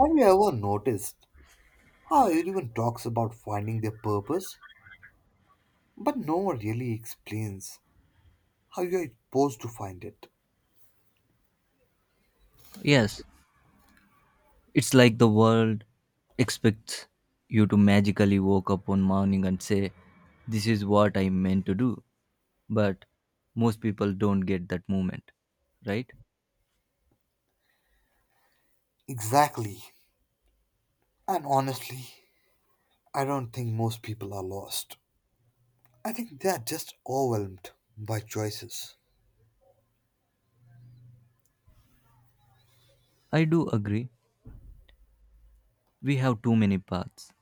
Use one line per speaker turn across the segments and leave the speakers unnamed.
Have you ever noticed how everyone talks about finding their purpose, but no one really explains how you are supposed to find it?
Yes, it's like the world expects you to magically wake up one morning and say, this is what I meant to do. But most people don't get that moment, right?
Exactly. And honestly, I don't think most people are lost. I think they are just overwhelmed by choices.
I do agree. We have too many paths,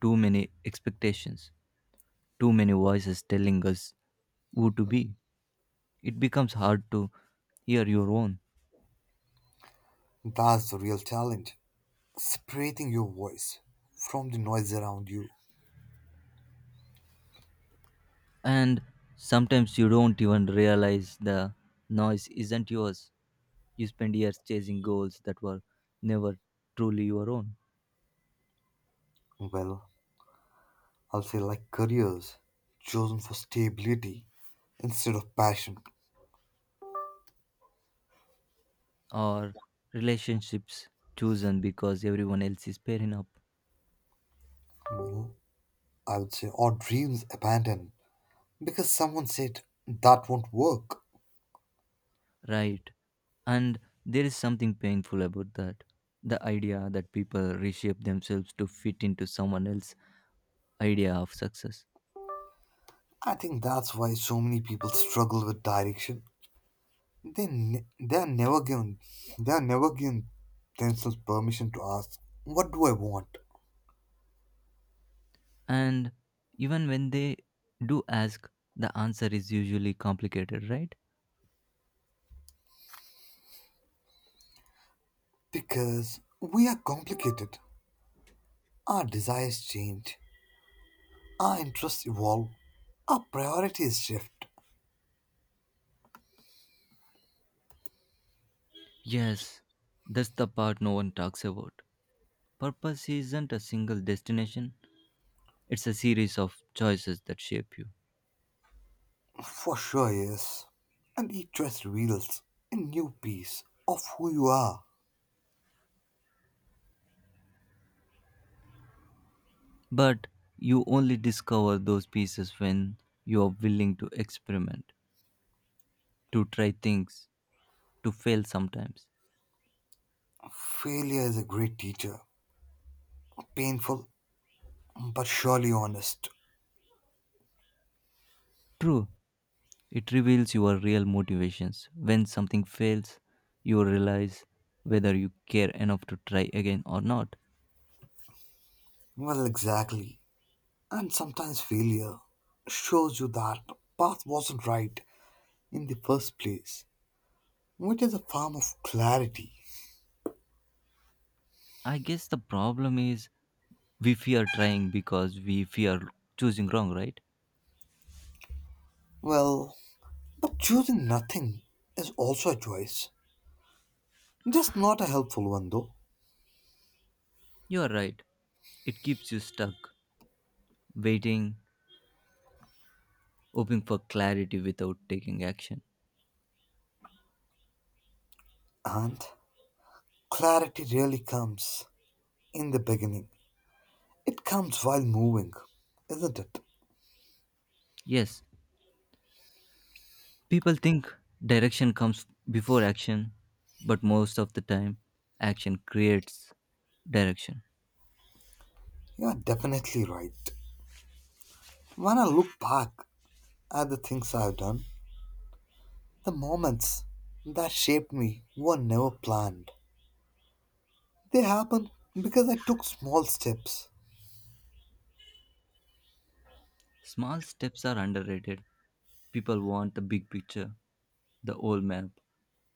too many expectations, too many voices telling us who to be. It becomes hard to hear your own.
That's the real challenge, separating your voice from the noise around you.
And sometimes you don't even realize the noise isn't yours. You spend years chasing goals that were never truly your own,
Well, I'll say like careers chosen for stability instead of passion.
or relationships chosen because everyone else is pairing up,
Well, I would say, or dreams abandoned because someone said that won't work.
right? And there is something painful about that. The idea that people reshape themselves to fit into someone else's idea of success.
I think that's why so many people struggle with direction. They ne- they are never given they are never given themselves permission to ask, "What do I want?"
And even when they do ask, the answer is usually complicated, right?
Because we are complicated. Our desires change. Our interests evolve. Our priorities shift.
Yes, that's the part no one talks about. Purpose isn't a single destination, it's a series of choices that shape you.
For sure, yes. And each choice reveals a new piece of who you are.
But you only discover those pieces when you are willing to experiment, to try things, to fail sometimes.
Failure is a great teacher, painful but surely honest.
True, it reveals your real motivations. When something fails, you realize whether you care enough to try again or not.
Exactly. And sometimes failure shows you that path wasn't right in the first place, which is a form of clarity.
I guess the problem is we fear trying because we fear choosing wrong, right?
Well, but choosing nothing is also a choice, just not a helpful one though.
You are right. It keeps you stuck, waiting, hoping for clarity without taking action.
And clarity really comes in the beginning. It comes while moving, isn't it?
Yes, people think direction comes before action, but most of the time, action creates direction.
You are definitely right. When I look back at the things I've done, the moments that shaped me were never planned. They happen because I took small steps.
Small steps are underrated. People want the big picture, the old map,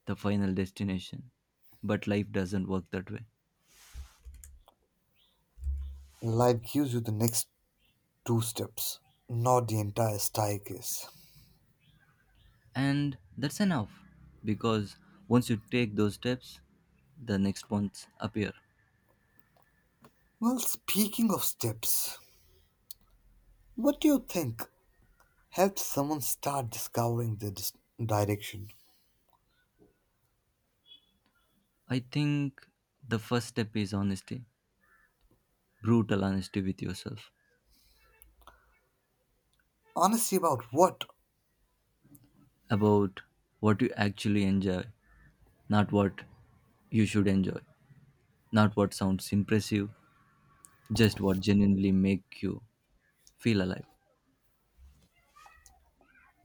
the final destination. But life doesn't work that way.
Life gives you the next two steps, not the entire staircase.
And that's enough because once you take those steps, the next ones appear.
Well, speaking of steps, what do you think helps someone start discovering their direction?
I think the first step is honesty, brutal honesty with yourself.
Honesty about what?
About what you actually enjoy, not what you should enjoy, not what sounds impressive, just what genuinely make you feel alive.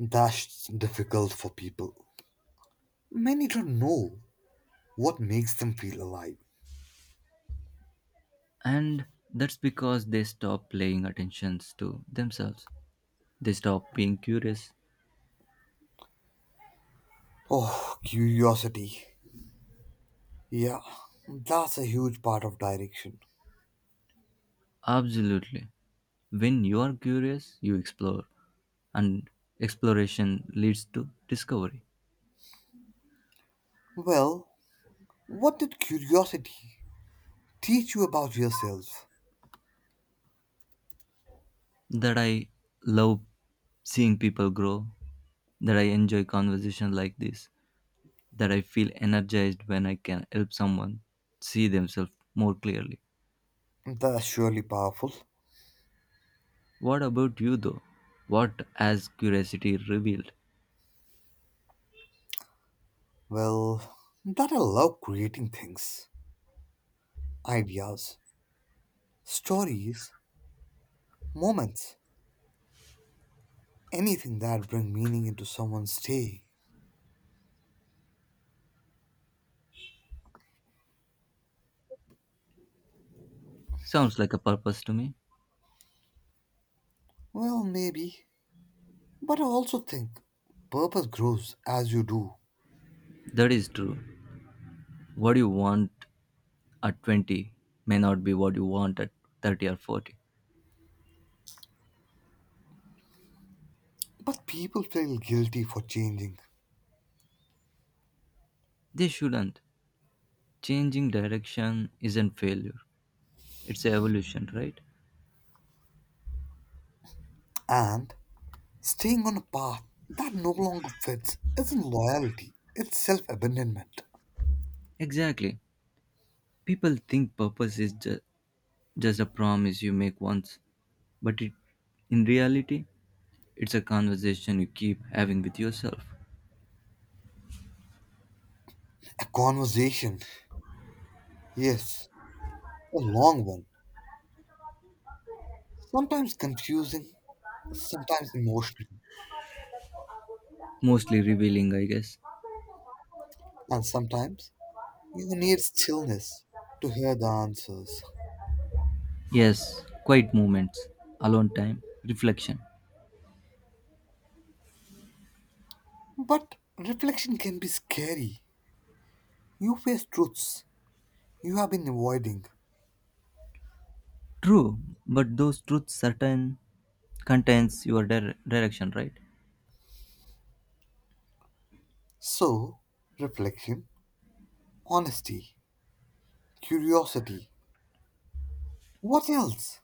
That's difficult for people. Many don't know what makes them feel alive.
And that's because they stop paying attentions to themselves. They stop being curious.
Oh, curiosity. Yeah, that's a huge part of direction.
Absolutely. When you are curious, you explore, and exploration leads to discovery.
Well, what did curiosity teach you about yourself?
That I love seeing people grow, that I enjoy conversation like this, that I feel energized when I can help someone see themselves more clearly.
That's surely powerful.
What about you, though? What has curiosity revealed?
Well, that I love creating things, ideas, stories, moments, anything that bring meaning into someone's day.
Sounds like a purpose to me.
Well, maybe. But I also think purpose grows as you do.
That is true. What you want at 20 may not be what you want at 30 or 40.
But people feel guilty for changing,
They shouldn't. Changing direction isn't failure, it's evolution, right?
and staying on a path that no longer fits isn't loyalty, it's self abandonment.
Exactly. People think purpose is just a promise you make once, but it, in reality, it's a conversation you keep having with yourself.
A conversation, yes, a long one. Sometimes confusing, sometimes emotional,
Mostly revealing, I guess.
and sometimes you need stillness to hear the answers.
Yes, quiet moments, alone time, reflection.
But reflection can be scary. You face truths you have been avoiding.
True, but those truths certain contains your direction, right?
So, reflection, honesty, curiosity. What else?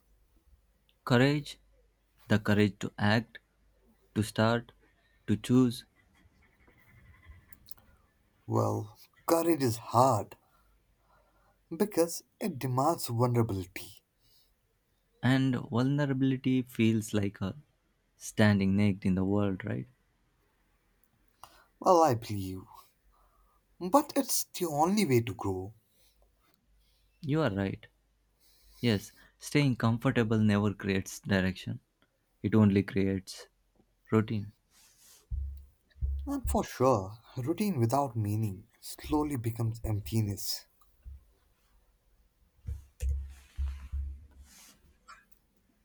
Courage, the courage to act, to start, to choose,
Well, courage is hard because it demands vulnerability.
and vulnerability feels like a standing naked in the world, right?
I believe. But it's the only way to grow.
You are right. Yes, staying comfortable never creates direction, it only creates routine.
And for sure, routine without meaning slowly becomes emptiness.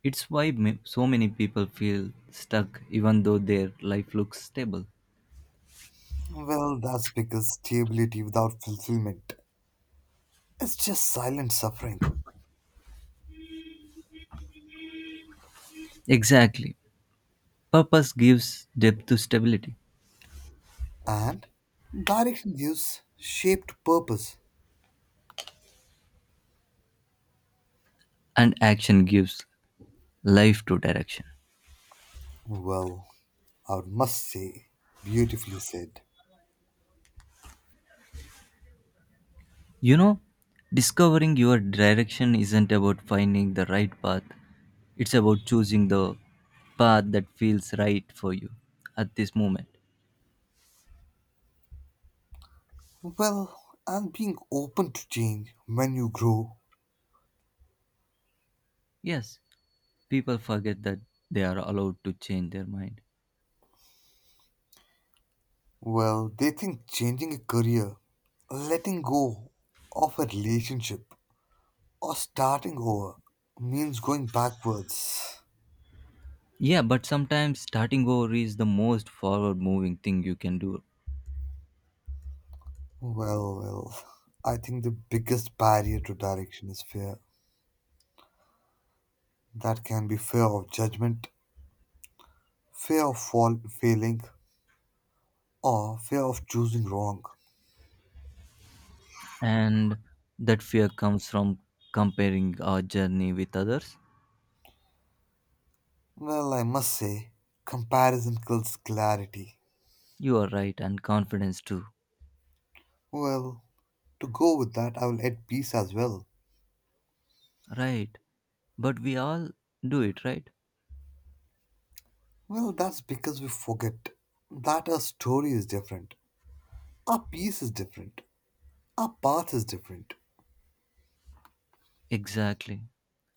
It's why so many people feel stuck even though their life looks stable.
That's because stability without fulfillment is just silent suffering.
Exactly. Purpose gives depth to stability,
And direction gives shape to purpose.
and action gives life to direction.
Well, I must say, beautifully said.
You know, discovering your direction isn't about finding the right path, it's about choosing the path that feels right for you at this moment.
Well, and being open to change when you grow.
Yes, people forget that they are allowed to change their mind.
They think changing a career, letting go of a relationship, or starting over means going backwards.
Yeah, but sometimes starting over is the most forward moving thing you can do.
Well, well, I think the biggest barrier to direction is fear. That can be fear of judgment, fear of failing, or fear of choosing wrong.
And that fear comes from comparing our journey with others.
Well, I must say, comparison kills clarity.
You are right, and confidence too.
Well, to go with that, I will add peace as well.
Right. But we all do it, right?
That's because we forget that our story is different, our peace is different, our path is different.
Exactly.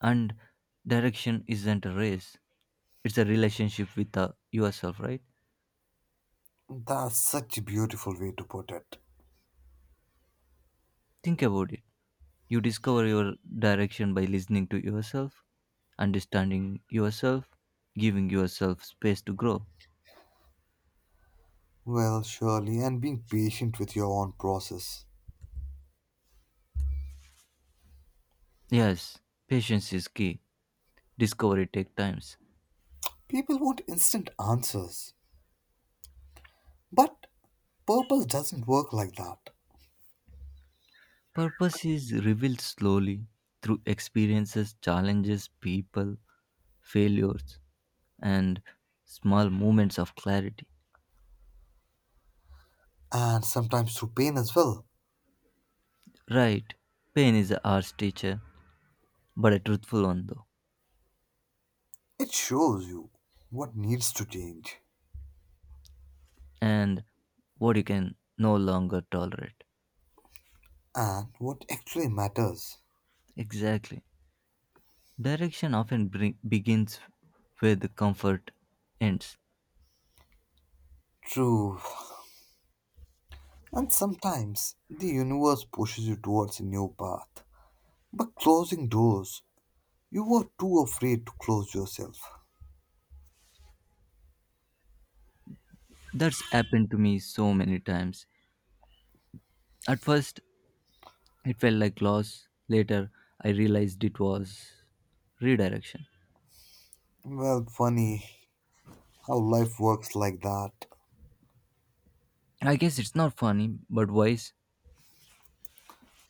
And direction isn't a race, it's a relationship with yourself, right?
That's such a beautiful way to put it.
Think about it. You discover your direction by listening to yourself, understanding yourself, giving yourself space to grow.
Well, surely, and being patient with your own process.
Yes, patience is key. Discovery takes times.
People want instant answers, but purpose doesn't work like that.
Purpose is revealed slowly through experiences, challenges, people, failures, and small moments of clarity.
And sometimes through pain as well,
Right, pain is a harsh teacher, but a truthful one though.
it shows you what needs to change
And what you can no longer tolerate.
and what actually matters.
Exactly. Begins where the comfort ends.
True. And sometimes the universe pushes you towards a new path, but closing doors you were too afraid to close yourself.
That's happened to me so many times. At first, it felt like loss. Later, I realized it was redirection.
Well, funny how life works like that.
I guess it's not funny, but wise,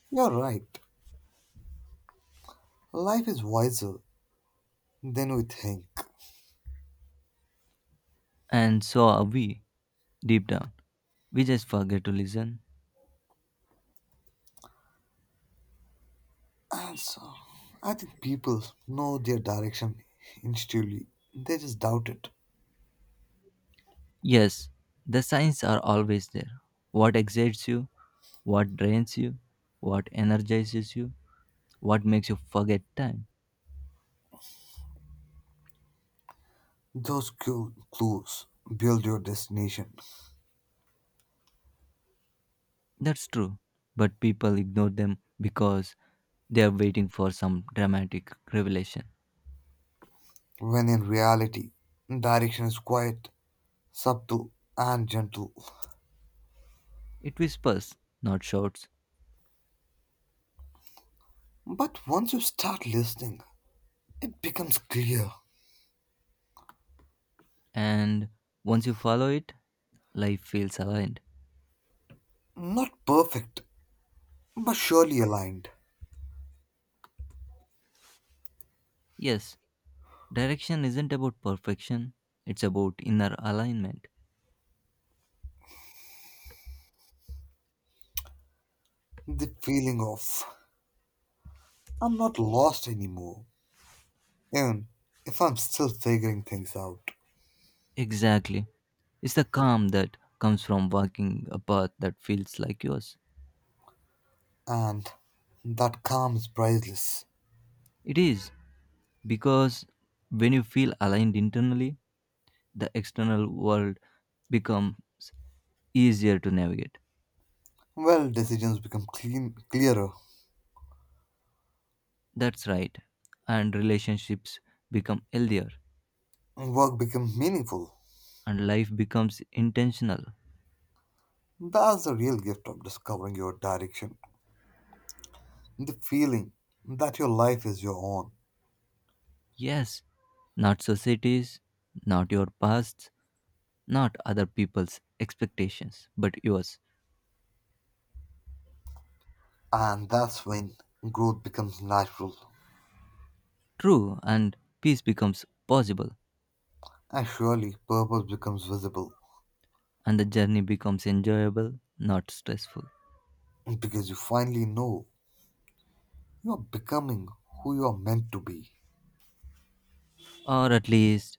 You're right. Life is wiser than we think.
and so are we, deep down. We just forget to listen.
And so, I think people know their direction intuitively. They just doubt it.
Yes, the signs are always there. What excites you, what drains you, what energizes you, what makes you forget time.
Those clues build your destination,
That's true, but people ignore them because they are waiting for some dramatic revelation.
when in reality, direction is quiet, subtle, and gentle.
It whispers, not shouts,
But once you start listening, it becomes clear.
and once you follow it, life feels aligned.
Not perfect, but surely aligned.
Yes, direction isn't about perfection, it's about inner alignment.
The feeling of, I'm not lost anymore, even if I'm still figuring things out,
Exactly. It's the calm that comes from walking a path that feels like yours.
and that calm is priceless.
It is because when you feel aligned internally, the external world becomes easier to navigate.
Well, decisions become clearer,
That's right. And relationships become healthier
and work becomes meaningful.
and life becomes intentional.
That's the real gift of discovering your direction, the feeling that your life is your own,
Yes, not societies, not your pasts, not other people's expectations, but yours.
and that's when growth becomes natural,
True, and peace becomes possible
and surely purpose becomes visible,
and the journey becomes enjoyable, not stressful.
because you finally know you are becoming who you are meant to be,
Or at least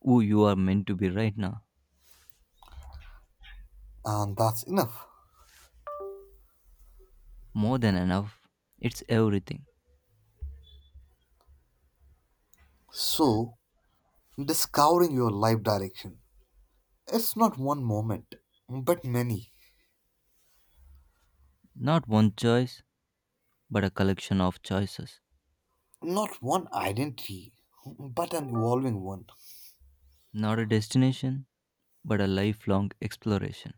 who you are meant to be right now.
and that's enough.
More than enough, it's everything.
So, discovering your life direction, it's not one moment, but many.
Not one choice, but a collection of choices.
Not one identity, but an evolving one,
Not a destination, but a lifelong exploration.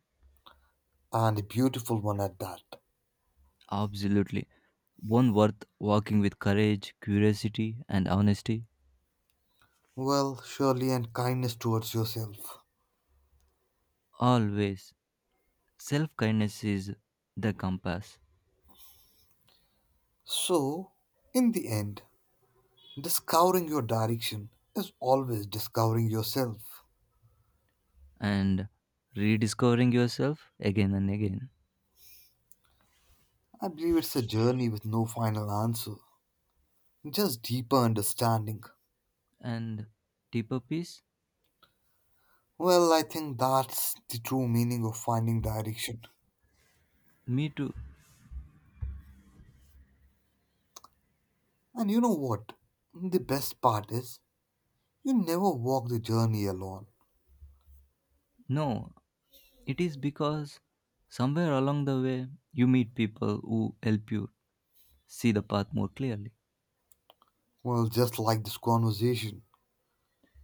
and a beautiful one at that.
Absolutely. One worth walking with courage, curiosity, and honesty.
Well, surely, and kindness towards yourself.
Always. Self kindness is the compass.
So, in the end, discovering your direction is always discovering yourself.
And rediscovering yourself again and again.
I believe it's a journey with no final answer, just deeper understanding.
And deeper peace?
Well, I think that's the true meaning of finding direction.
Me too.
And you know what? The best part is, you never walk the journey alone.
No, it is because somewhere along the way you meet people who help you see the path more clearly.
Well, just like this conversation.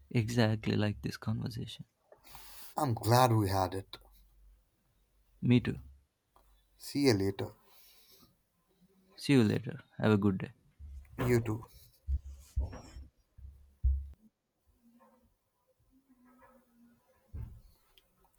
Exactly like this conversation.
I'm glad we had it.
Me too.
See you later.
See you later. Have a good day.
You too.